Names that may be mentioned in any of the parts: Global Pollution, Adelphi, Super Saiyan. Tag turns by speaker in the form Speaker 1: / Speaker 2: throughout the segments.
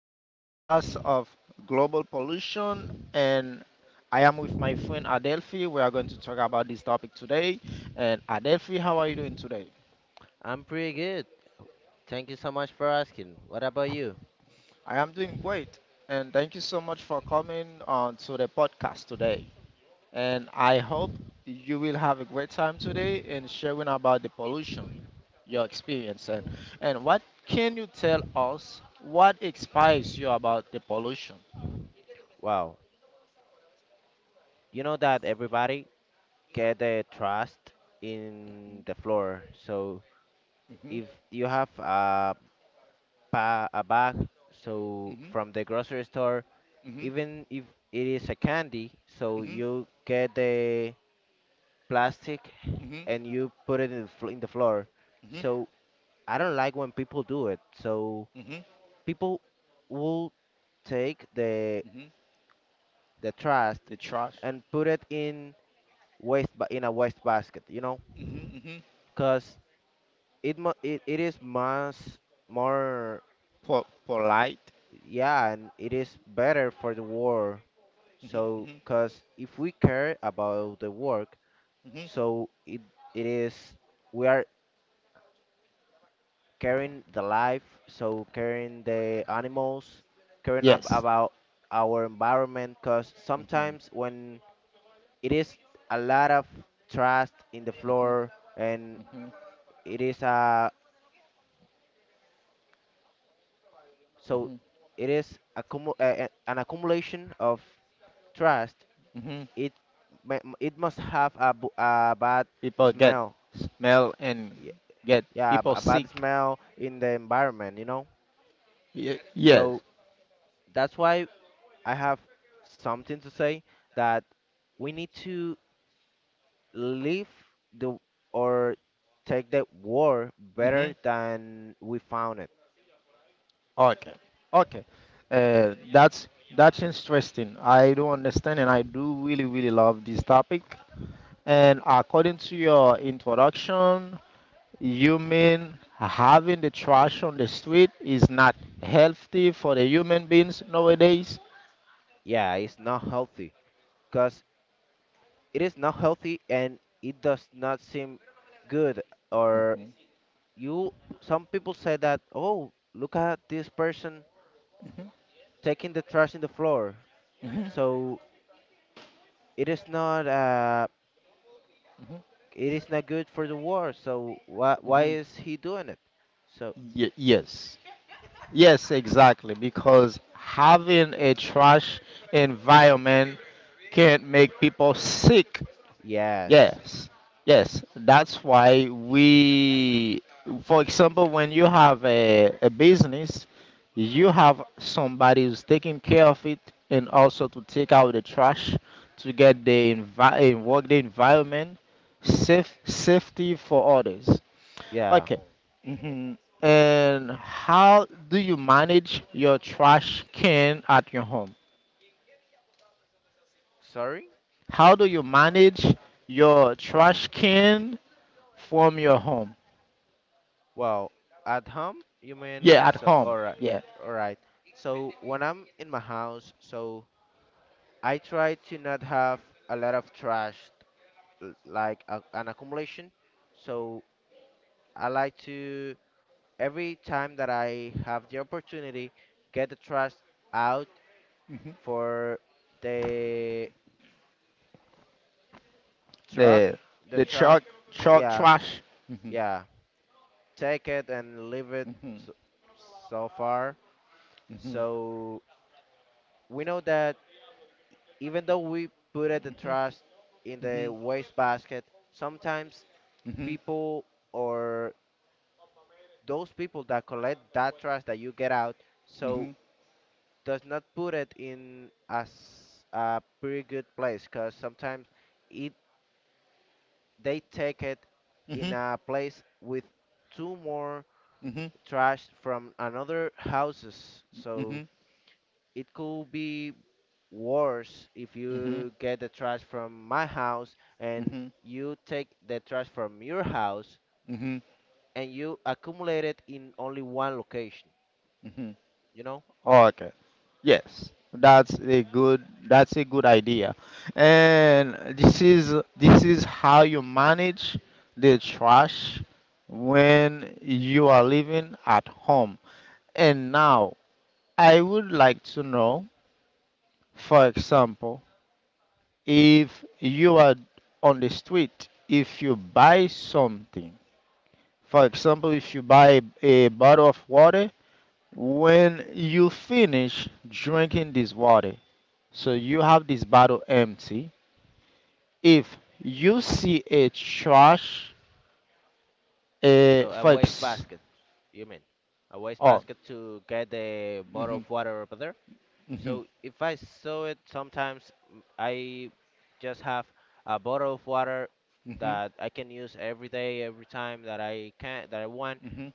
Speaker 1: to the podcast of Global Pollution. And I am with my friend Adelphi. We are going to talk about this topic today. And Adelphi, how are you doing today?
Speaker 2: I'm pretty good. Thank you so much for asking. What about you?
Speaker 1: I am doing great, and thank you so much for coming on to the podcast today. And I hope you will have a great time today in sharing about the pollution, your experience, and what can you tell us? What inspires you about the pollution?
Speaker 2: Wow, you know that everybody get the trust in the floor. So if you have a ba a bag, so
Speaker 1: Mhm.
Speaker 2: from the grocery store,
Speaker 1: Mhm.
Speaker 2: even if it is a candy, so
Speaker 1: Mhm.
Speaker 2: you get the plastic
Speaker 1: Mhm.
Speaker 2: and you put it in the, fl in the floor.
Speaker 1: Mhm.
Speaker 2: So I don't like when people do it. So
Speaker 1: Mhm.
Speaker 2: people will take the
Speaker 1: Mhm.
Speaker 2: the trash
Speaker 1: The trust.
Speaker 2: and put it in a waste basket, you know,
Speaker 1: Mhm. Mhm.
Speaker 2: because it, mu- it is much more,
Speaker 1: Polite.
Speaker 2: yeah, and it is better for the world,
Speaker 1: Mhm.
Speaker 2: so
Speaker 1: Mhm.
Speaker 2: because if we care about the work,
Speaker 1: Mhm.
Speaker 2: so it is we are caring the life, so caring the animals, caring ab-
Speaker 1: Yes.
Speaker 2: about our environment, because
Speaker 1: Mhm.
Speaker 2: sometimes when it is a lot of trash in the floor, and
Speaker 1: Mhm.
Speaker 2: it is a so
Speaker 1: Mhm.
Speaker 2: it is an accumulation of trust.
Speaker 1: Mhm.
Speaker 2: It it must have a, bad
Speaker 1: People get
Speaker 2: smell.
Speaker 1: smell and
Speaker 2: Y-
Speaker 1: get
Speaker 2: Yeah,
Speaker 1: people
Speaker 2: a bad
Speaker 1: sick.
Speaker 2: smell in the environment, you know?
Speaker 1: Yes.
Speaker 2: So that's why I have something to say that we need to leave the or take the war better
Speaker 1: Mhm.
Speaker 2: than we found it.
Speaker 1: Okay. Okay. Uh, that's that's interesting. I do understand, and I do really really love this topic. And according to your introduction, you mean having the trash on the street is not healthy for the human beings nowadays?
Speaker 2: Yeah, it's not healthy. Because. It is not healthy, and it does not seem good. Or you, some people say that, oh, look at this person
Speaker 1: Mhm,
Speaker 2: taking the trash in the floor.
Speaker 1: mhm,
Speaker 2: So it is not, uh, it is not good for the world. So why
Speaker 1: mhm.
Speaker 2: is he doing it? So
Speaker 1: Yes. Yes, exactly. Because having a trash environment can make people sick.
Speaker 2: yes,
Speaker 1: Yes, yes. That's why we, for example, when you have a business, you have somebody who's taking care of it, and also to take out the trash to get the work the environment safety for others.
Speaker 2: yeah.
Speaker 1: Okay. hmm And how do you manage your trash can at your home?
Speaker 2: Sorry.
Speaker 1: How do you manage your trash can from your home?
Speaker 2: Well, at home, you mean?
Speaker 1: Yeah, at
Speaker 2: So
Speaker 1: home.
Speaker 2: all right,
Speaker 1: Yeah.
Speaker 2: all right. So when I'm in my house, so I try to not have a lot of trash, like a, an accumulation. So I like to every time that I have the opportunity get the trash out
Speaker 1: Mhm,
Speaker 2: for the truck.
Speaker 1: the
Speaker 2: The
Speaker 1: the
Speaker 2: truck,
Speaker 1: chalk
Speaker 2: yeah,
Speaker 1: trash. Mhm,
Speaker 2: yeah. Take it and leave it,
Speaker 1: mhm,
Speaker 2: so, so far.
Speaker 1: mhm,
Speaker 2: So we know that even though we put it the
Speaker 1: mhm,
Speaker 2: trash in the
Speaker 1: mhm,
Speaker 2: waste basket, sometimes
Speaker 1: mhm,
Speaker 2: people or those people that collect that trash that you get out so
Speaker 1: mhm,
Speaker 2: does not put it in as a pretty good place, because sometimes it they take it
Speaker 1: mhm,
Speaker 2: in
Speaker 1: mhm,
Speaker 2: a place with two more
Speaker 1: mhm,
Speaker 2: trash from another houses, so it could be worse if you get the trash from my house,
Speaker 1: mhm,
Speaker 2: and
Speaker 1: mhm,
Speaker 2: you take the trash from your house,
Speaker 1: mhm,
Speaker 2: and you accumulate it in only one location,
Speaker 1: mhm.
Speaker 2: you know.
Speaker 1: Okay. Yes, that's a good idea. And this is how you manage the trash when you are living at home. And now I would like to know, for example, if you are on the street, if you buy something, for example, if you buy a bottle of water, when you finish drinking this water, so you have this bottle empty. If you see a trash, a
Speaker 2: So a
Speaker 1: for
Speaker 2: waste
Speaker 1: ex-
Speaker 2: basket, you mean? A waste
Speaker 1: oh,
Speaker 2: basket to get the bottle
Speaker 1: mhm,
Speaker 2: of water over there.
Speaker 1: mhm,
Speaker 2: So if I saw it, sometimes I just have a bottle of water
Speaker 1: mhm,
Speaker 2: that I can use every day, every time that I can, that I want.
Speaker 1: mhm,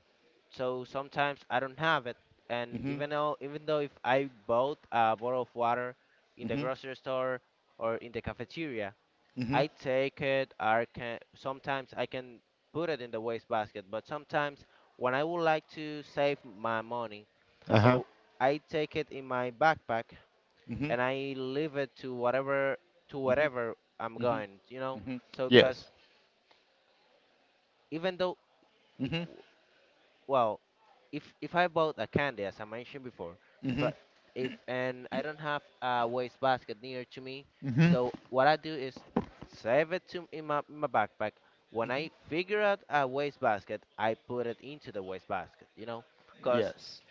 Speaker 2: So sometimes I don't have it, and
Speaker 1: mhm,
Speaker 2: even though if I bought a bottle of water in the
Speaker 1: mhm,
Speaker 2: grocery store or in the cafeteria,
Speaker 1: mhm,
Speaker 2: I take it. I can sometimes I can put it in the wastebasket, but sometimes when I would like to save my money,
Speaker 1: uh-huh,
Speaker 2: so I take it in my backpack
Speaker 1: mhm,
Speaker 2: and I leave it to whatever to
Speaker 1: mhm,
Speaker 2: wherever I'm
Speaker 1: mhm,
Speaker 2: going. You know,
Speaker 1: mhm,
Speaker 2: so because
Speaker 1: yes,
Speaker 2: even though,
Speaker 1: mhm,
Speaker 2: well, if I bought a candy as I mentioned before,
Speaker 1: mhm,
Speaker 2: but if and I don't have a waste basket near to me,
Speaker 1: mhm,
Speaker 2: so what I do is save it to in my backpack. When I figure out a waste basket, I put it into the waste basket. You know, because
Speaker 1: yes.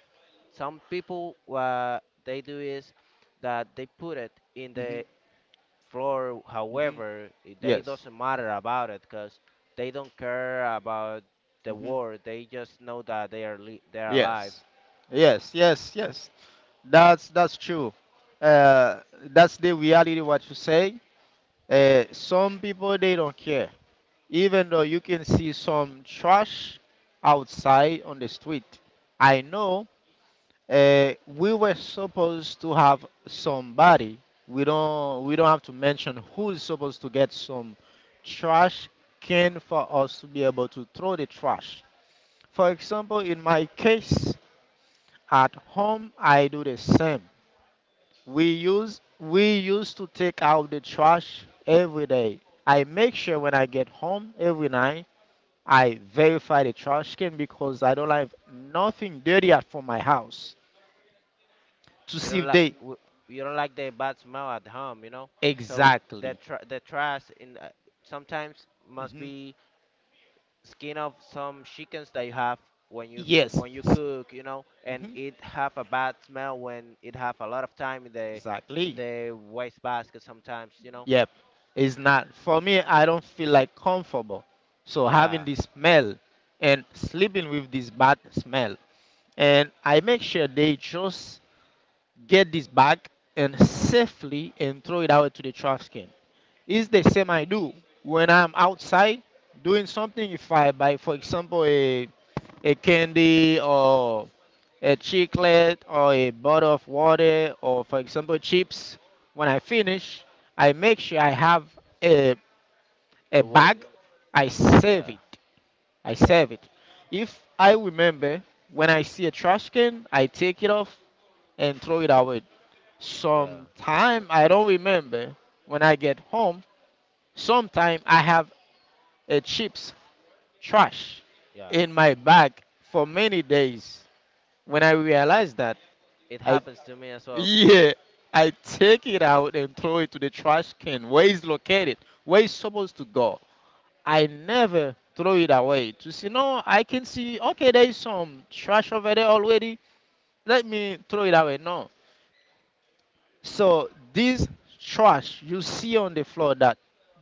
Speaker 2: some people what they do is that they put it in
Speaker 1: Mm-hmm.
Speaker 2: the floor.
Speaker 1: Hmm.
Speaker 2: However, it- they
Speaker 1: Yes.
Speaker 2: doesn't matter about it because they don't care about the
Speaker 1: Hmm.
Speaker 2: war. They just know that they are alive.
Speaker 1: Yes. Yes. Yes. Yes. That's true. Uh, that's the reality, what you say. Some people they don't care, even though you can see some trash outside on the street. I know. We were supposed to have somebody. We don't. We don't have to mention who is supposed to get some trash can for us to be able to throw the trash. For example, in my case at home, I do the same. We use, we used to take out the trash every day. I make sure when I get home every night, I verify the trash can because I don't have nothing dirty out from my house, to
Speaker 2: You
Speaker 1: see
Speaker 2: don't
Speaker 1: if they
Speaker 2: you don't like the bad smell at home, you know. So the
Speaker 1: exactly.
Speaker 2: tr- the trash in sometimes must
Speaker 1: Hmm.
Speaker 2: be skin of some chickens that you have when you
Speaker 1: Yes.
Speaker 2: when you cook, you know, and
Speaker 1: Hmm.
Speaker 2: it have a bad smell when it have a lot of time in
Speaker 1: Exactly.
Speaker 2: the waste basket sometimes, you know.
Speaker 1: Yep. It's not for me. I don't feel like comfortable, so having
Speaker 2: Yeah.
Speaker 1: this smell and sleeping with this bad smell. And I make sure they just get this back and safely and throw it out to the trash can. It's the same I do when I'm outside doing something. If I buy, for example, a candy, or a chocolate, or a bottle of water, or, for example, chips. When I finish, I make sure I have a a bag. I save
Speaker 2: Yeah,
Speaker 1: it. I
Speaker 2: yeah,
Speaker 1: save it. If I remember, when I see a trash can, I take it off and throw it away.
Speaker 2: yeah,
Speaker 1: Sometime I don't remember when I get home. Sometime I have a chips trash
Speaker 2: yeah.
Speaker 1: in my bag for many days. When I realize that,
Speaker 2: It
Speaker 1: I
Speaker 2: happens to me as well.
Speaker 1: yeah, I take it out and throw it to the trash can where it's located, where it's supposed to go. I never throw it away, to see, no, I can see, okay, there is some trash over there already. Let me throw it away. No. So this trash you see on the floor, that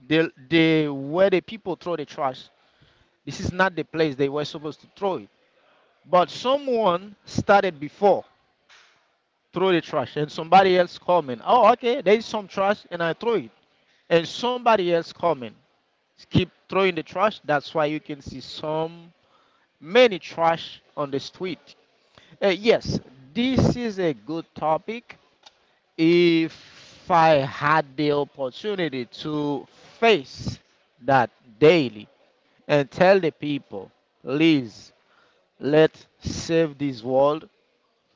Speaker 1: the where the people throw the trash, this is not the place they were supposed to throw it. But someone started before, throw the trash, and somebody else coming. Oh okay, there is some trash and I throw it. And somebody else coming. Keep throwing the trash. That's why you can see some many trash on the street. Yes, this is a good topic. If I had the opportunity to face that daily and tell the people, please, let's save this world,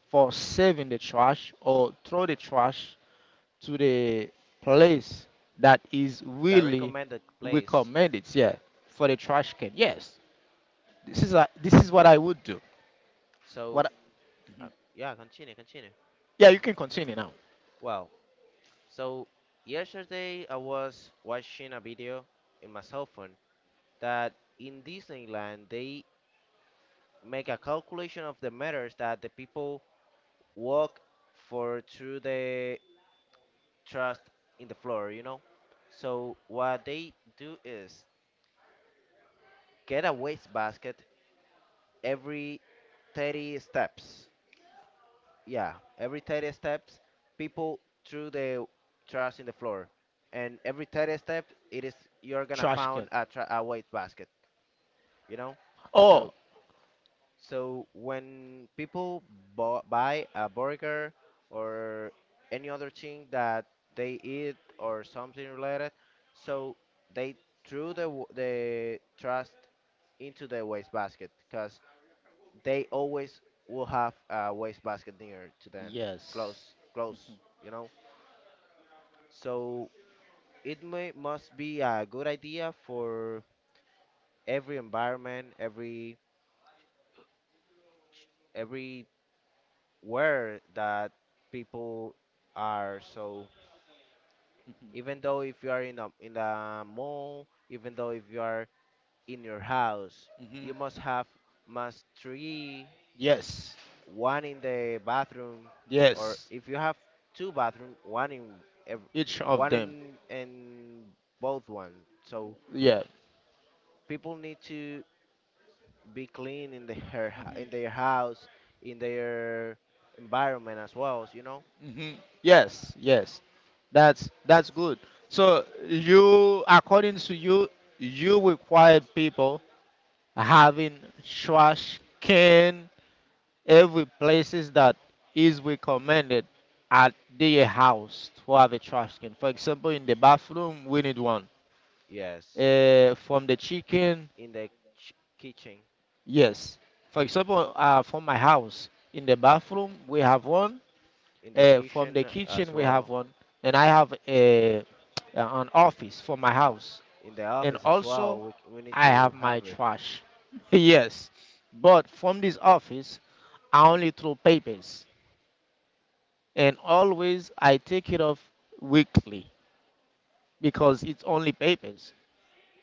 Speaker 1: for saving the trash or throw the trash to the place that is
Speaker 2: The
Speaker 1: really
Speaker 2: recommended place.
Speaker 1: recommended, yeah, for the trash can. Yes, this is what I would do.
Speaker 2: So,
Speaker 1: What?
Speaker 2: uh, yeah, continue.
Speaker 1: Yeah, you can continue now.
Speaker 2: Well, so yesterday I was watching a video in my cell phone that in Disneyland they make a calculation of the meters that the people walk for through the trust in the floor, you know? So what they do is get a waste basket every 30 steps, yeah, every 30 steps, people threw the trash in the floor, and every 30 step, it is you're gonna
Speaker 1: Trash can.
Speaker 2: found a, a waste basket, you know. So
Speaker 1: Oh,
Speaker 2: so when people buy a burger or any other thing that they eat or something related, so they threw the trash into the waste basket they always will have a wastebasket near to them,
Speaker 1: yes.
Speaker 2: close, close, you know. So it may must be a good idea for every environment, every everywhere that people are. So even though if you are in the mall, even though if you are in your house,
Speaker 1: Hmm.
Speaker 2: you must have must tree
Speaker 1: Yes.
Speaker 2: one in the bathroom, or
Speaker 1: Yes.
Speaker 2: if you have two bathroom, ev
Speaker 1: Each of
Speaker 2: one
Speaker 1: them.
Speaker 2: in both ones. So
Speaker 1: Yeah.
Speaker 2: people need to be clean in the her hou- in
Speaker 1: Hmm.
Speaker 2: their house, in their environment as well. You know,
Speaker 1: Hmm. Yes, yes. That's good. So you, according to you, you required people having trash can every places that is recommended at their house to have a trash can. For example, in the bathroom, we need one.
Speaker 2: yes,
Speaker 1: From the chicken,
Speaker 2: in the ch- kitchen,
Speaker 1: yes. For example, from my house, in the bathroom, we have one.
Speaker 2: in the
Speaker 1: From the
Speaker 2: kitchen as
Speaker 1: kitchen, we have
Speaker 2: well,
Speaker 1: one, and I have a an office for my house,
Speaker 2: in the
Speaker 1: and
Speaker 2: office as well.
Speaker 1: also
Speaker 2: We need
Speaker 1: I have
Speaker 2: to
Speaker 1: my
Speaker 2: have it.
Speaker 1: trash. Yes, but from this office, I only throw papers, and always I take it off weekly because it's only papers.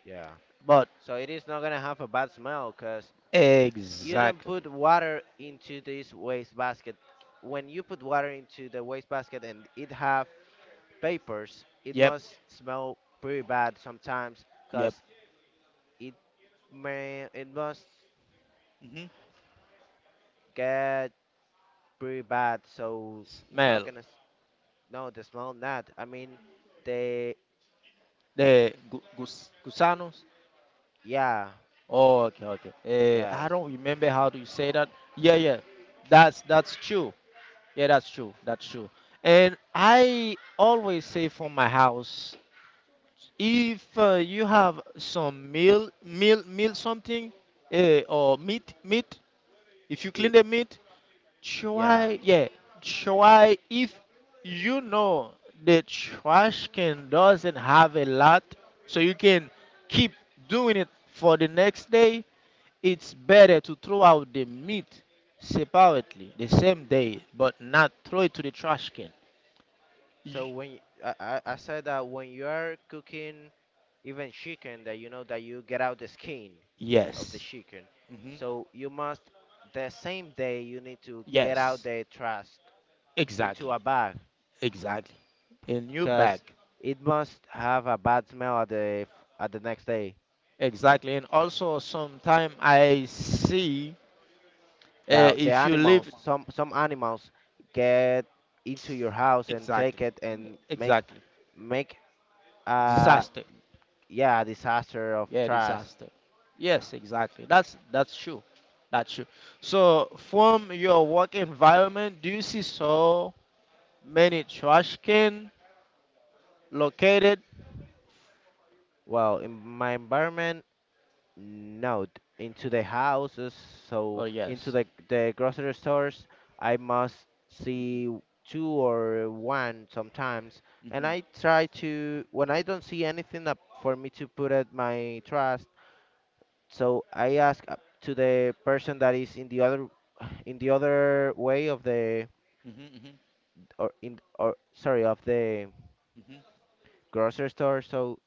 Speaker 2: Yeah.
Speaker 1: But
Speaker 2: So it is not gonna have a bad smell, 'cause you don't
Speaker 1: exactly,
Speaker 2: put water into this waste basket. When you put water into the waste basket and it have papers, it
Speaker 1: yep,
Speaker 2: must smell pretty bad sometimes
Speaker 1: yep.
Speaker 2: because it may it must
Speaker 1: hmm
Speaker 2: get pretty bad. So how
Speaker 1: Smell
Speaker 2: can I? No, the smell not. I mean, they
Speaker 1: the gusanos.
Speaker 2: yeah
Speaker 1: Oh, okay, okay. I
Speaker 2: yes
Speaker 1: don't remember how do you say that. Yeah, yeah. That's true. Yeah, that's true. That's true. And I always say from my house, if you have some meal something, or meat. If you clean
Speaker 2: it
Speaker 1: the meat,
Speaker 2: yeah.
Speaker 1: try. Yeah, try. If you know the trash can doesn't have a lot, so you can keep doing it for the next day, it's better to throw out the meat separately the same day, but not throw it to the trash can.
Speaker 2: So
Speaker 1: Y-
Speaker 2: I said that when you are cooking even chicken that you know that you get out the skin of the
Speaker 1: Yes.
Speaker 2: chicken.
Speaker 1: Mhm.
Speaker 2: So you must the same day you need to get out
Speaker 1: Yes.
Speaker 2: the trash
Speaker 1: Exactly.
Speaker 2: into a bag,
Speaker 1: Exactly. A new bag.
Speaker 2: because it must have a bad smell at the next day.
Speaker 1: Exactly. And also, sometime I see
Speaker 2: The
Speaker 1: if you
Speaker 2: animals,
Speaker 1: leave.
Speaker 2: some animals get into your house and
Speaker 1: Exactly.
Speaker 2: take it and
Speaker 1: Exactly.
Speaker 2: make a
Speaker 1: Disaster.
Speaker 2: yeah disaster of
Speaker 1: Yeah,
Speaker 2: trash.
Speaker 1: disaster. Yes, exactly. That's true. That's true. So, from your work environment, do you see so many trash can located.
Speaker 2: Well, in my environment No, d- into the
Speaker 1: Mhm.
Speaker 2: houses, so
Speaker 1: Oh
Speaker 2: into
Speaker 1: yes,
Speaker 2: the grocery stores, I must
Speaker 1: mhm,
Speaker 2: see two or one sometimes, and
Speaker 1: mhm,
Speaker 2: I try to when I don't see anything up for me to put at my trust, so I ask up to the person that is in the other in the other way of the
Speaker 1: mhm, mhm,
Speaker 2: or in or sorry of the
Speaker 1: mhm,
Speaker 2: grocery store. So,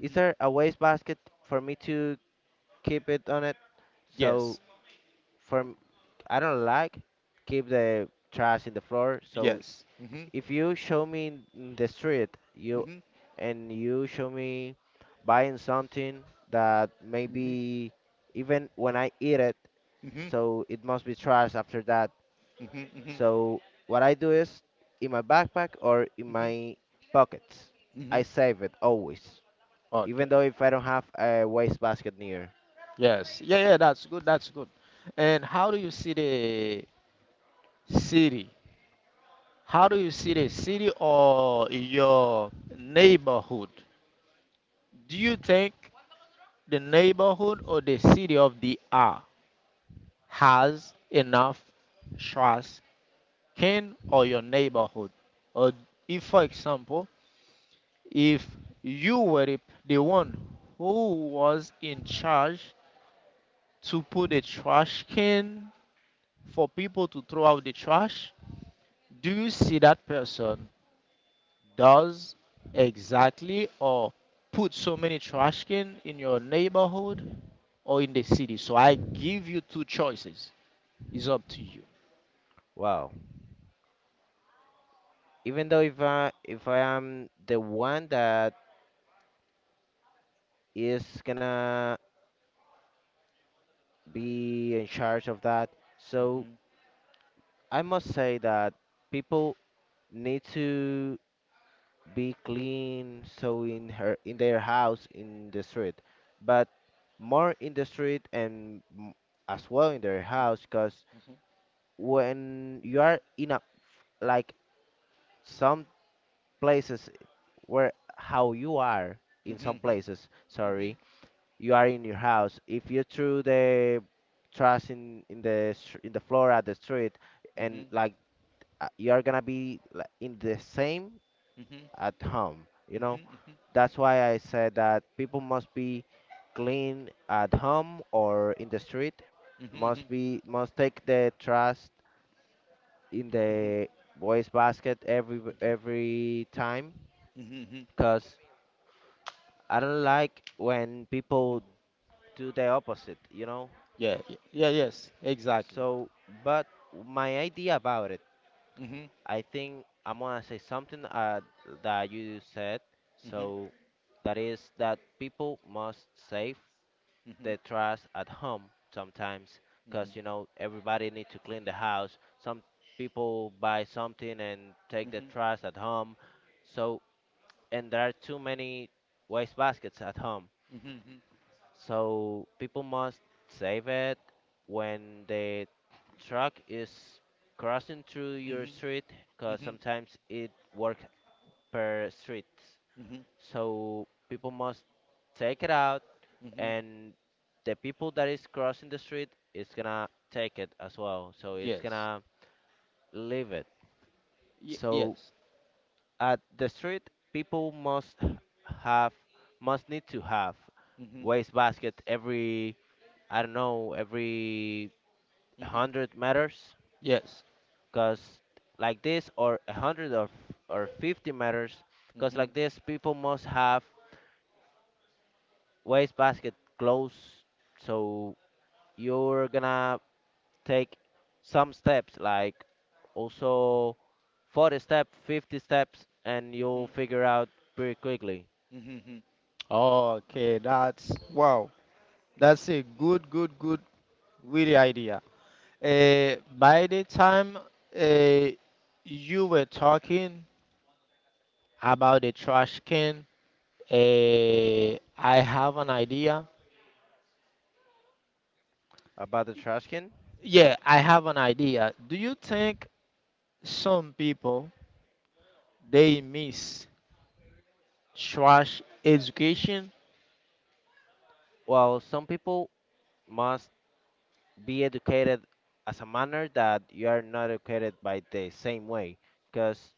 Speaker 2: is there a waste basket for me to keep it on it? So
Speaker 1: Yes,
Speaker 2: for m- I don't like keep the trash in the floor. So
Speaker 1: yes. Mhm,
Speaker 2: if you show me in the street, you
Speaker 1: mhm,
Speaker 2: and you show me buying something that
Speaker 1: mhm,
Speaker 2: maybe even when I eat it,
Speaker 1: mhm, mhm,
Speaker 2: so it must be trash after that.
Speaker 1: mhm,
Speaker 2: So what I do is in my backpack or in
Speaker 1: mhm,
Speaker 2: my pockets, I
Speaker 1: mhm.
Speaker 2: save it always, even
Speaker 1: Okay.
Speaker 2: though if I don't have a waste basket near.
Speaker 1: Yes. Yeah. Yeah. That's good. That's good. And how do you see the city? How do you see the city or your neighborhood? Do you think the neighborhood or the city of the R has enough trash can, or your neighborhood? Or if, for example, if you were the one who was in charge to put a trash can for people to throw out the trash, do you see that person does exactly, or put so many trash can in your neighborhood or in the city? So I give you two choices. It's up to you.
Speaker 2: Wow. Even though if I am the one that is gonna be in charge of that. So I must say that people need to be clean so in her in their house in the street, but more in the street and as well in their house, because
Speaker 1: Hmm.
Speaker 2: when you are in a like some places where how you are in
Speaker 1: Hmm.
Speaker 2: some places
Speaker 1: Hmm. Hmm.
Speaker 2: sorry you are in your house. If you threw the trash in the floor at the street, and
Speaker 1: Mhm.
Speaker 2: like, you are gonna be like, in the same
Speaker 1: Mhm.
Speaker 2: at home, you know.
Speaker 1: Mhm. Mhm.
Speaker 2: That's why I said that people must be clean at home or in the street.
Speaker 1: Mhm. Mhm.
Speaker 2: Must be must take the trash in
Speaker 1: Mhm.
Speaker 2: the waste basket every time,
Speaker 1: Mhm. Mhm.
Speaker 2: cause I don't like when people do the opposite, you know.
Speaker 1: Yeah, yeah, yes, exactly.
Speaker 2: So, but my idea about it,
Speaker 1: Mhm.
Speaker 2: I think I'm gonna say something that you said.
Speaker 1: Mhm.
Speaker 2: So, that is that people must save
Speaker 1: Mhm.
Speaker 2: their trash at home sometimes, because you
Speaker 1: Mhm.
Speaker 2: know everybody need to clean the house. Some people buy something and take
Speaker 1: Mhm.
Speaker 2: the
Speaker 1: Mhm.
Speaker 2: trash at home. So, and there are too many waste baskets at home. So people must save it when the truck is crossing through your
Speaker 1: Mhm.
Speaker 2: street, because
Speaker 1: Mhm.
Speaker 2: sometimes it works per street.
Speaker 1: Mhm.
Speaker 2: So people must take it out,
Speaker 1: Mhm.
Speaker 2: and the people that is crossing the street is gonna take it as well. So it's
Speaker 1: Yes,
Speaker 2: gonna leave it.
Speaker 1: y-
Speaker 2: So
Speaker 1: yes,
Speaker 2: at the street people have must need to have
Speaker 1: Mhm.
Speaker 2: waste basket every, I don't know, every
Speaker 1: Mhm.
Speaker 2: 100 meters,
Speaker 1: Yes.
Speaker 2: because like this, or 100, or 50 meters,
Speaker 1: Mhm.
Speaker 2: because
Speaker 1: Mhm.
Speaker 2: like this people must have wastebasket close, so you're gonna take some steps, like also 40 steps, 50 steps, and you'll
Speaker 1: Mhm.
Speaker 2: figure out pretty quickly.
Speaker 1: Mhm. Okay, that's wow. That's a good, good, good, really idea. By the time uh, you were talking about the trash can, uh, I have an idea.
Speaker 2: About the trash can,
Speaker 1: Yeah, I have an idea. Do you think some people they miss trash education?
Speaker 2: well, some people must be educated, as a manner that you are not educated by the same way, because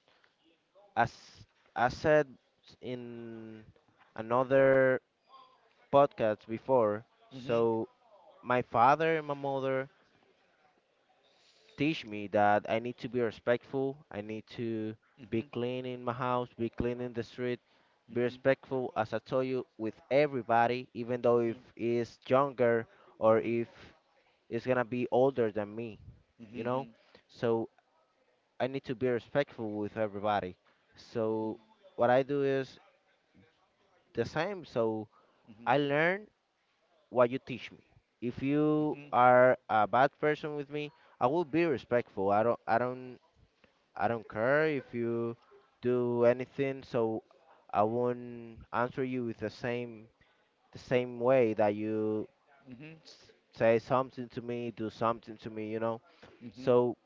Speaker 2: as I said in another podcast before.
Speaker 1: Mhm,
Speaker 2: So my father and my mother teach me that I need to be respectful, I need to be
Speaker 1: mhm,
Speaker 2: clean in my house, be clean in the street,
Speaker 1: mhm,
Speaker 2: be
Speaker 1: mhm,
Speaker 2: respectful, as I told you, with everybody, even
Speaker 1: mhm,
Speaker 2: though if
Speaker 1: mhm, mhm,
Speaker 2: is younger, or
Speaker 1: mhm,
Speaker 2: if it's gonna be older than me,
Speaker 1: mhm,
Speaker 2: you
Speaker 1: mhm,
Speaker 2: know?
Speaker 1: mhm,
Speaker 2: So I need to be respectful with everybody. So what I do is the same. So
Speaker 1: mhm, mhm, mhm,
Speaker 2: I
Speaker 1: mhm,
Speaker 2: learn what you teach me. If you
Speaker 1: mhm,
Speaker 2: are a bad person with me, I will be respectful. I don't I don't care if you do anything, so I won't answer you with the same way that you say something to me, do something to me, you know. So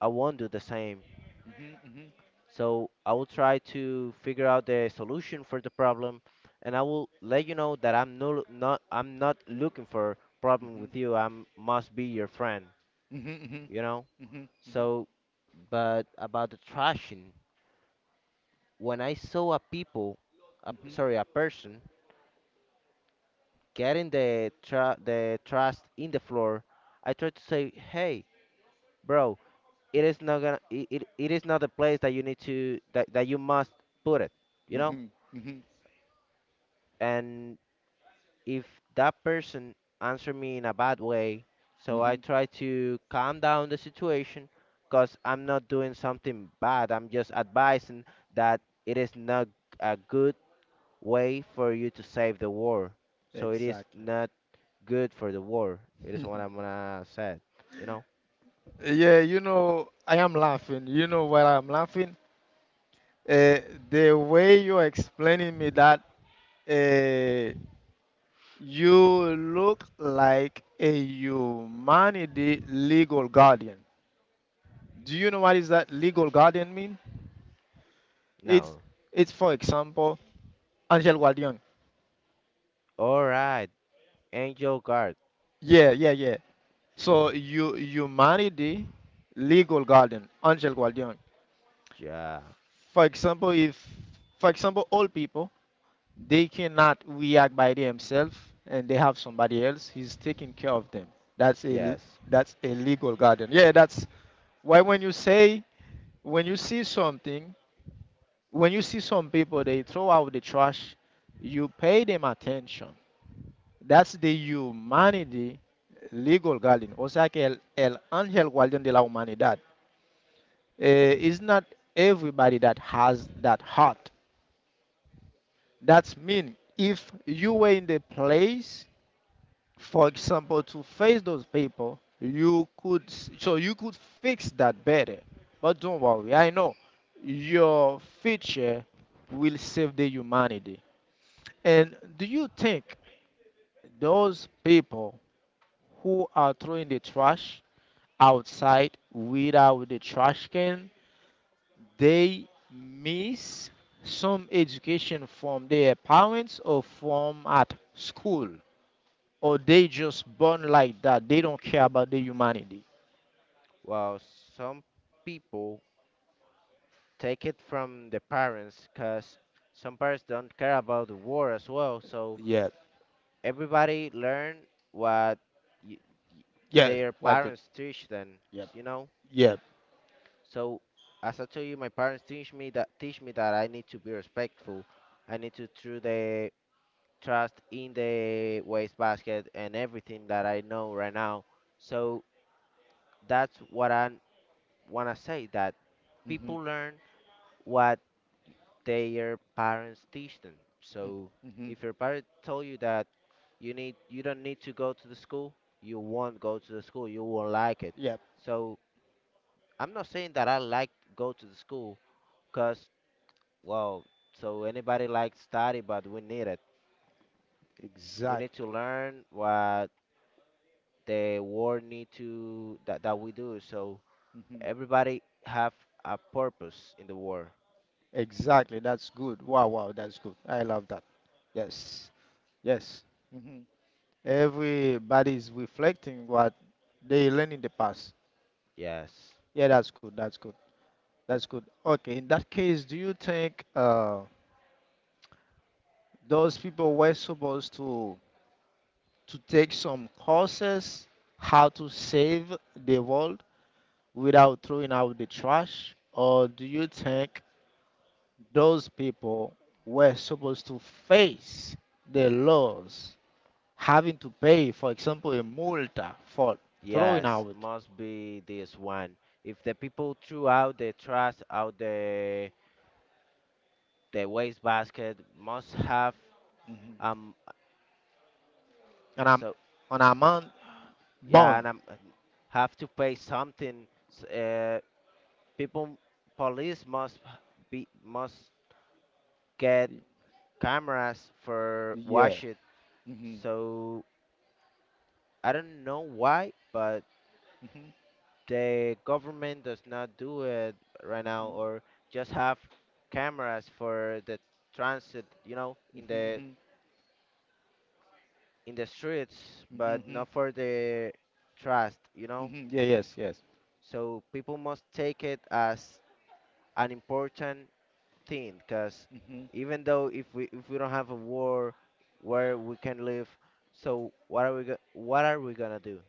Speaker 2: I won't do the same.
Speaker 1: mhm,
Speaker 2: So I will try to figure out the solution for the problem, and I will let you know that I'm not looking for problem with you. I must be your friend,
Speaker 1: mhm,
Speaker 2: you know. So, but about the trashing, when I saw a people, a, sorry, a person getting the tra the trash in the floor, I tried to say, hey, bro, it is not the place that you need to that, that you must put it, you
Speaker 1: mhm,
Speaker 2: know.
Speaker 1: mhm, mhm.
Speaker 2: And if that person answer me in a bad way, so I
Speaker 1: Mhm.
Speaker 2: try to calm down the situation, because I'm not doing something bad. I'm just advising that it is not a good way for you to save the war. So it is
Speaker 1: Exactly.
Speaker 2: not good for the war. It is what I'm gonna say. You know?
Speaker 1: Yeah, you know, I am laughing. You know why I'm laughing? Uh, the way you're explaining me that, uh, you look like a humanity legal guardian. Do you know what is that legal guardian mean? It's
Speaker 2: No.
Speaker 1: it's for example, Angel Guardian.
Speaker 2: Alright. Angel guard.
Speaker 1: Yeah, yeah, yeah. So you humanity legal guardian, Angel Guardian.
Speaker 2: Yeah.
Speaker 1: For example, if, for example, all people, they cannot react by themselves, and they have somebody else. He's taking care of them. That's a,
Speaker 2: Yes.
Speaker 1: that's a legal guardian. Yeah, that's why when you say, when you see something, when you see some people they throw out the trash, you pay them attention. That's the humanity legal guardian. O sea que el ángel guardián de la humanidad. It's not everybody that has that heart. That's mean if you were in the place, for example, to face those people, you could s- so you could fix that better. But don't worry, I know your future will save the humanity. And do you think those people who are throwing the trash outside without the trash can, they miss some education from their parents or from at school, or they just born like that? They don't care about the humanity.
Speaker 2: Well, some people take it from the parents, because some parents don't care about the war as well. So
Speaker 1: Yeah.
Speaker 2: everybody learn what y- y-
Speaker 1: Yeah.
Speaker 2: their
Speaker 1: What you?
Speaker 2: parents teach them,
Speaker 1: Yep.
Speaker 2: you know.
Speaker 1: Yep.
Speaker 2: So as I told you, my parents teach me that, I need to be respectful, I need to throw the trust in the wastebasket, and everything that I know right now. So that's what I want to say, that
Speaker 1: Hmm.
Speaker 2: people learn what their parents teach them. So
Speaker 1: Hmm.
Speaker 2: if your parent told you that you don't need to go to the school, you won't go to the school, you won't like it.
Speaker 1: Yep.
Speaker 2: So I'm not saying that I like go to the school, cuz, well, so anybody likes study, but we need it. We need to
Speaker 1: Exactly.
Speaker 2: learn what the world need to that, that we do. So
Speaker 1: Hmm.
Speaker 2: everybody have a purpose in the world.
Speaker 1: Exactly. That's good. Wow. Wow. That's good. I love that. Yes. Yes. Hmm. Everybody is reflecting what they learned in the past.
Speaker 2: Yes.
Speaker 1: Yeah. That's good. That's good. That's good. Okay. In that case, do you think those people were supposed to take some courses, how to save the world without throwing out the trash? Or do you think those people were supposed to face the laws, having to pay, for example, a multa for throwing
Speaker 2: Yes,
Speaker 1: out
Speaker 2: must be this one. If the people threw out the trash out the waste basket, must have
Speaker 1: hmm
Speaker 2: um
Speaker 1: an, am-
Speaker 2: so,
Speaker 1: an amount
Speaker 2: yeah,
Speaker 1: bond?
Speaker 2: and have to pay something. People, police must be must get cameras for
Speaker 1: Yeah.
Speaker 2: wash it.
Speaker 1: hmm
Speaker 2: So I don't know why, but the government does not do it right now, or just have cameras for the transit, you know, in the streets, but
Speaker 1: hmm
Speaker 2: not for the trust, you know.
Speaker 1: Yeah, yes, yes.
Speaker 2: So people must take it as an important thing, because even though if we don't have a war where we can live, so what are we gonna do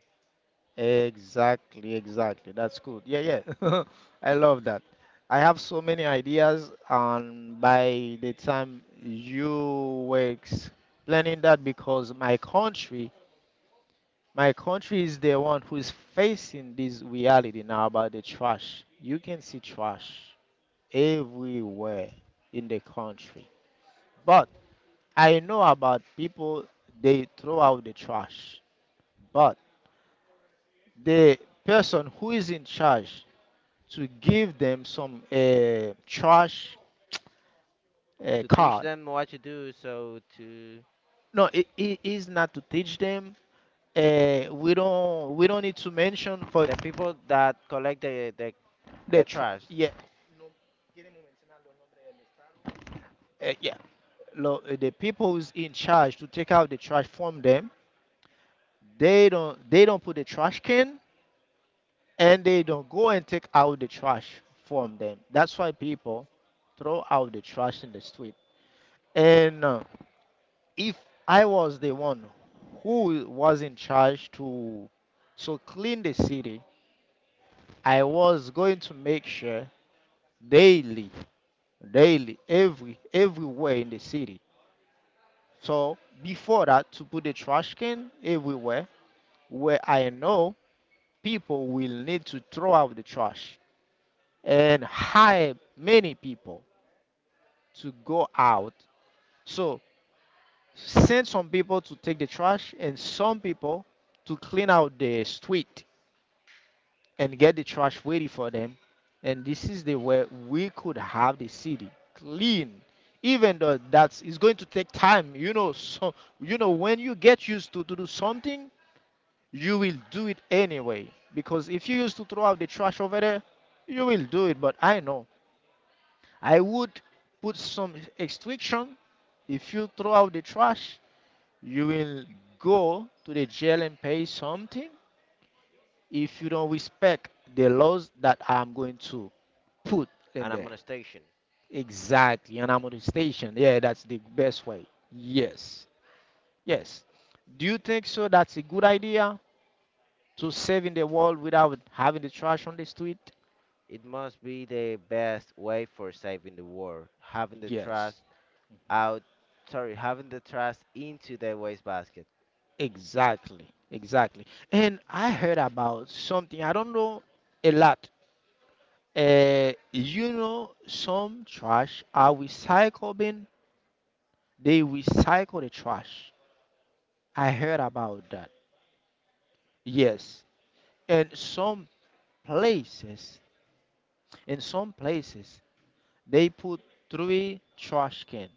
Speaker 1: Exactly, exactly. That's good. Yeah, yeah. I love that. I have so many ideas, and by the time you were explaining that, because my country is the one who is facing this reality now about the trash. You can see trash everywhere in the country. But I know about people, they throw out the trash. But the person who is in charge to give them some trash
Speaker 2: to teach
Speaker 1: card.
Speaker 2: them what to do, so to
Speaker 1: No, it is not to teach them. We don't need to mention for
Speaker 2: the people that collect the
Speaker 1: the tr
Speaker 2: trash.
Speaker 1: yeah yeah. The people who's in charge to take out the trash from them. They don't put the trash can and they don't go and take out the trash from them. That's why people throw out the trash in the street. And if I was the one who was in charge to so clean the city, I was going to make sure daily, daily, every everywhere in the city. So before that, to put the trash can everywhere where I know people will need to throw out the trash and hire many people to go out. So send some people to take the trash and some people to clean out the street and get the trash ready for them. And this is the way we could have the city clean. Even though that's it's going to take time, you know. So you know when you get used to do something, you will do it anyway. Because if you used to throw out the trash over there, you will do it. But I know I would put some restriction. If you throw out the trash, you will go to the jail and pay something if you don't respect the laws that I'm going to put in
Speaker 2: And I'm
Speaker 1: there.
Speaker 2: on a station.
Speaker 1: Exactly. An amortization. Yeah, that's the best way. Yes. Yes. Do you think so that's a good idea to save in the world without having the trash on the street?
Speaker 2: It must be the best way for saving the world, having the trash
Speaker 1: Yes.
Speaker 2: out, sorry, having the trash into the wastebasket.
Speaker 1: Exactly. Exactly. And I heard about something, I don't know a lot. You know, some trash are recycled bin, they recycle the trash. I heard about that. Yes. And some places in some places, they put three trash can.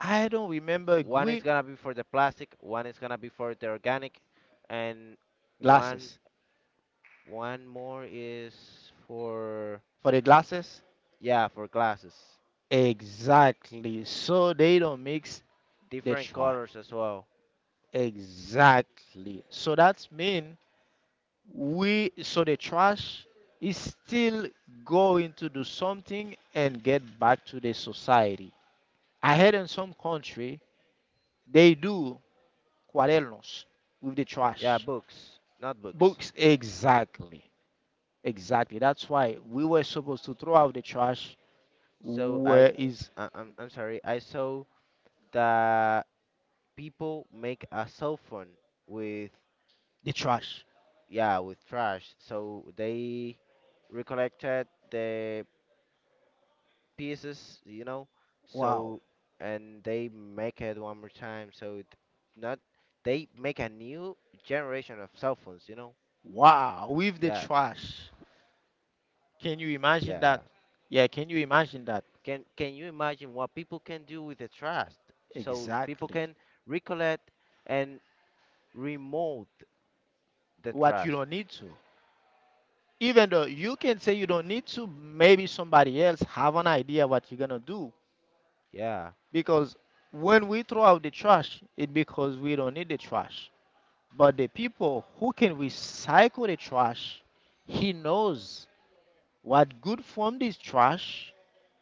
Speaker 1: I don't remember
Speaker 2: One is
Speaker 1: green
Speaker 2: gonna be for the plastic, one is gonna be for the organic, and one
Speaker 1: glasses.
Speaker 2: one more is for,
Speaker 1: For the glasses?
Speaker 2: yeah, for glasses.
Speaker 1: Exactly. So they don't mix the
Speaker 2: Different
Speaker 1: trash.
Speaker 2: colors as well.
Speaker 1: Exactly. So that means so the trash is still going to do something and get back to the society. I heard in some country, they do cuadernos with the
Speaker 2: Yeah,
Speaker 1: trash.
Speaker 2: books, not books.
Speaker 1: Books, exactly. Exactly. That's why we were supposed to throw out the trash.
Speaker 2: So I,
Speaker 1: Where
Speaker 2: s-
Speaker 1: is
Speaker 2: I'm sorry. I saw that people make a cell phone with,
Speaker 1: the trash?
Speaker 2: yeah, with trash. So they recollected the pieces, you know.
Speaker 1: Wow.
Speaker 2: So, and they make it one more time, so it, not, they make a new generation of cell phones, you know.
Speaker 1: Wow. With the
Speaker 2: Yeah.
Speaker 1: trash. Can you imagine that?
Speaker 2: Yeah.
Speaker 1: Yeah, can you imagine that?
Speaker 2: Can you imagine what people can do with the trash? So people
Speaker 1: Exactly.
Speaker 2: can recollect and remove the
Speaker 1: What you
Speaker 2: trash.
Speaker 1: don't need to. Even though you can say you don't need to, maybe somebody else have an idea what you're gonna do.
Speaker 2: Yeah,
Speaker 1: Because when we throw out the trash, it's because we don't need the trash. But the people who can recycle the trash, he knows what good formed is trash,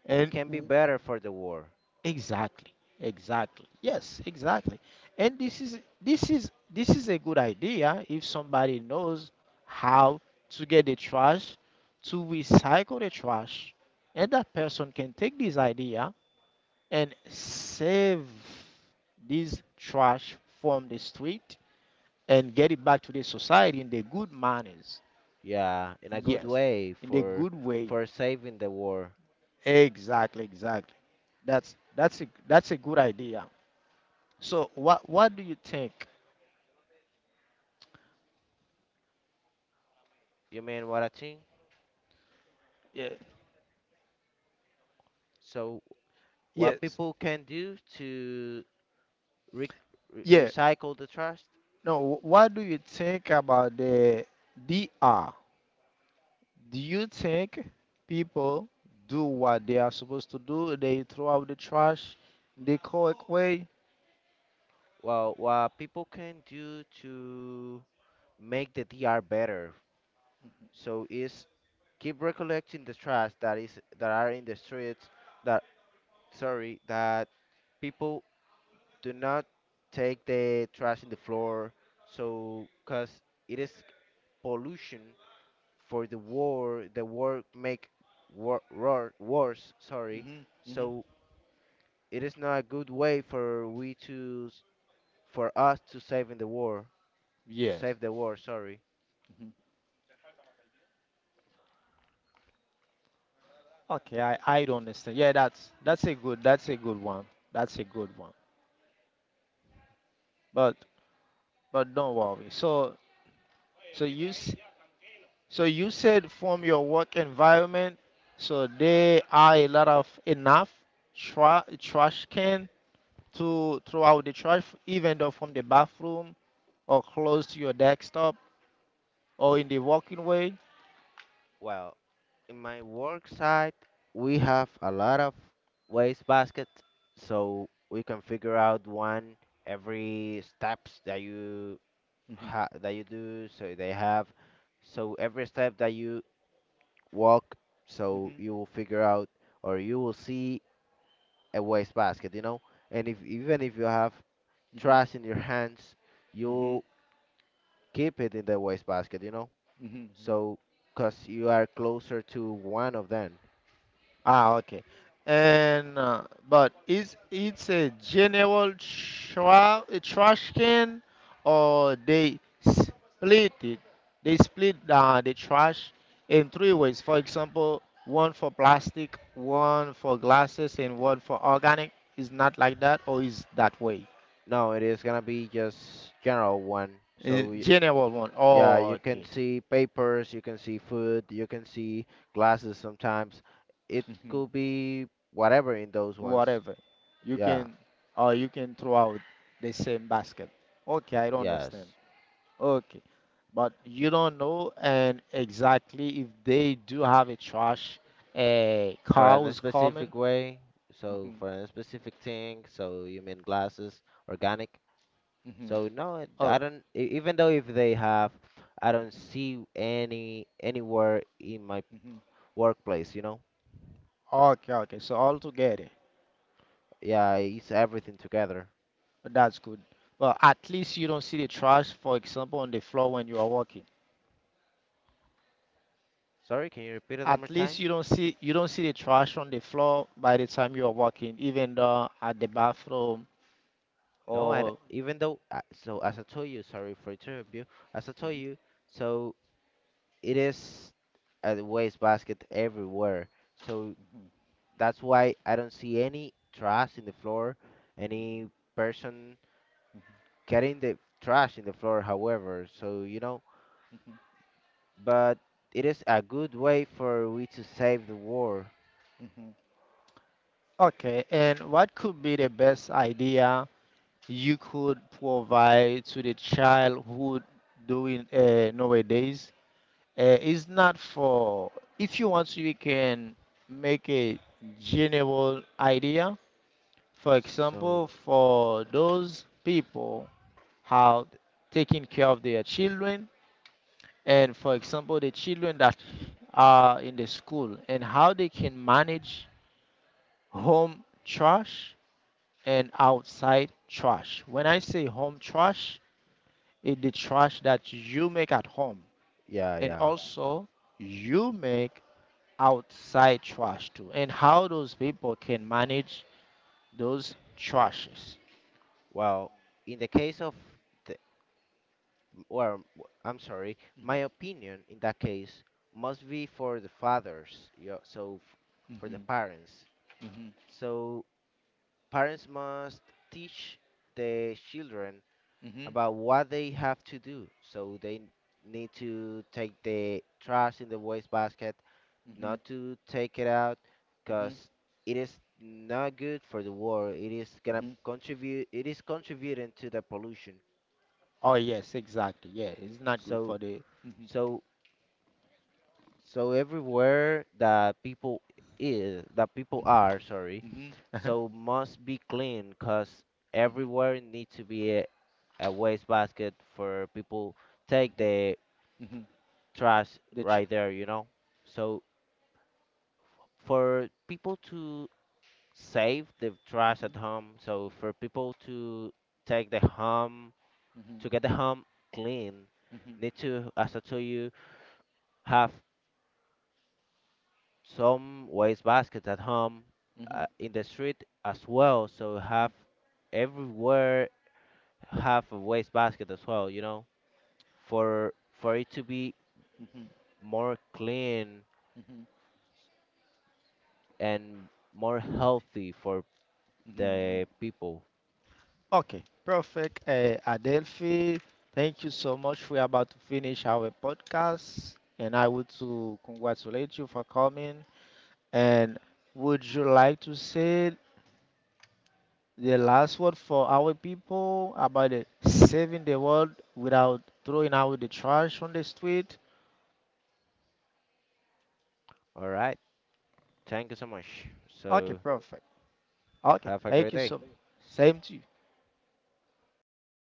Speaker 1: and
Speaker 2: can be
Speaker 1: w-
Speaker 2: better for the war.
Speaker 1: exactly, exactly, yes, exactly. And this is a good idea if somebody knows how to get the trash, to recycle the trash, and that person can take this idea and save this trash from the street and get it back to the society in the good manners.
Speaker 2: Yeah, in a good
Speaker 1: Yes,
Speaker 2: way
Speaker 1: in the
Speaker 2: for
Speaker 1: good way.
Speaker 2: for saving the war.
Speaker 1: Exactly, exactly. That's a good idea. So what do you think?
Speaker 2: You mean what I think?
Speaker 1: Yeah.
Speaker 2: So, what
Speaker 1: Yes.
Speaker 2: people can do to re-
Speaker 1: Yeah.
Speaker 2: recycle the trash?
Speaker 1: No, what do you think about the DR? Do you think people do what they are supposed to do? They throw out the trash the correct way?
Speaker 2: Well, what people can do to make the DR better. So, is keep recollecting the trash that is that are in the streets. That, sorry, that people do not take the trash in the floor. So, cause it is pollution for The war make war worse. Sorry.
Speaker 1: hmm hmm
Speaker 2: So it is not a good way for for us to save in the war, to
Speaker 1: Yes.
Speaker 2: save the war, sorry.
Speaker 1: Mhm. Okay, I don't understand. Yeah, that's a good one. That's a good one. But but don't worry. So so you s- so you said from your work environment, so there are a lot of enough trash can to throw out the trash, even though from the bathroom or close to your desktop or in the walking way.
Speaker 2: Well, in my work site, we have a lot of waste baskets, so we can figure out one every steps that you
Speaker 1: Mhm,
Speaker 2: that you do. So they have, so every step that you walk, so
Speaker 1: mhm,
Speaker 2: you will figure out, or you will see a waste basket, you know. And if even if you have
Speaker 1: mhm,
Speaker 2: trash in your hands,
Speaker 1: mhm,
Speaker 2: you keep it in the wastebasket, you know?
Speaker 1: mhm, mhm.
Speaker 2: So, because you are closer to one of them.
Speaker 1: Ah, okay. And but is it's a general tra a trash can or they split it? They split the trash in three ways. For example, one for plastic, one for glasses, and one for organic. Is not like that, or is that way?
Speaker 2: No, it is gonna be just general one. So,
Speaker 1: In general one.
Speaker 2: yeah,
Speaker 1: Oh,
Speaker 2: you can
Speaker 1: okay.
Speaker 2: see papers, you can see food, you can see glasses sometimes. It
Speaker 1: Mhm.
Speaker 2: could be whatever in those ones.
Speaker 1: Whatever. You
Speaker 2: Yeah,
Speaker 1: can or you can throw out the same basket. Okay, I don't
Speaker 2: yes.
Speaker 1: understand. Okay. But you don't know and exactly if they do have a trash
Speaker 2: For a
Speaker 1: cows coming.
Speaker 2: specific way, so
Speaker 1: hmm
Speaker 2: for a specific thing, so you mean glasses, organic?
Speaker 1: hmm
Speaker 2: So no, I
Speaker 1: Oh,
Speaker 2: don't. Even though if they have, I don't see anywhere in my
Speaker 1: hmm
Speaker 2: workplace. You know,
Speaker 1: okay, okay. So all together,
Speaker 2: yeah, it's everything together.
Speaker 1: that's good. Well, at least you don't see the trash, for example, on the floor when you are walking.
Speaker 2: Sorry, can you repeat it one more
Speaker 1: At least
Speaker 2: time?
Speaker 1: you don't see the trash on the floor by the time you are walking, even though at the bathroom
Speaker 2: No,
Speaker 1: or
Speaker 2: even though, so as I told you, sorry for interrupt you. As I told you, so it is a waste basket everywhere. So that's why I don't see any trash in the floor, any person getting the trash in the floor. However, so, you know, but it is a good way for we to save the war.
Speaker 1: okay. And what could be the best idea you could provide to the childhood doing nowadays is not for if you want to you can make a general idea for example
Speaker 2: So
Speaker 1: for those people how taking care of their children and for example the children that are in the school and how they can manage home trash and outside trash when I say home trash in the trash that you make at home
Speaker 2: yeah,
Speaker 1: and
Speaker 2: yeah.
Speaker 1: also you make outside trash too and how those people can manage those trashes.
Speaker 2: Well, in the case of the, well, I'm sorry, my opinion in that case must be for the fathers. Yeah, for the
Speaker 1: Mhm,
Speaker 2: parents.
Speaker 1: mhm,
Speaker 2: So parents must teach the children
Speaker 1: mhm,
Speaker 2: about what they have to do. So they need to take the trash in the waste basket,
Speaker 1: mhm,
Speaker 2: not to take it out,
Speaker 1: mhm,
Speaker 2: because it is not good for the world. It is gonna
Speaker 1: mhm,
Speaker 2: contribute. It is contributing to the pollution.
Speaker 1: oh yes exactly yeah it's not good
Speaker 2: So
Speaker 1: for the mhm,
Speaker 2: so so everywhere that people is that people are, sorry,
Speaker 1: mhm,
Speaker 2: so must be clean, because
Speaker 1: mhm,
Speaker 2: everywhere need to be a waste basket for people take the
Speaker 1: mhm,
Speaker 2: trash
Speaker 1: the tr-
Speaker 2: right there. You know. So for people to save the trash at
Speaker 1: mhm,
Speaker 2: home. So for people to take the home to get
Speaker 1: mhm,
Speaker 2: the home clean,
Speaker 1: mhm,
Speaker 2: need to, as I told you, have some waste baskets at home,
Speaker 1: mhm, mhm,
Speaker 2: in the street as well. So have, everywhere have a waste basket as well, you know, for for it to be more clean
Speaker 1: mhm,
Speaker 2: and more healthy for
Speaker 1: mhm,
Speaker 2: the
Speaker 1: mhm.
Speaker 2: people.
Speaker 1: Okay, perfect. Adelphi, thank you so much. We're about to finish our podcast, and I would to congratulate you for coming. And would you like to say the last word for our people about the saving the world without throwing out the trash on the street?
Speaker 2: All right. Thank you so much.
Speaker 1: Okay,
Speaker 2: So
Speaker 1: perfect. Okay,
Speaker 2: have a
Speaker 1: thank
Speaker 2: great
Speaker 1: you
Speaker 2: day.
Speaker 1: so much. Same to you.
Speaker 2: Have a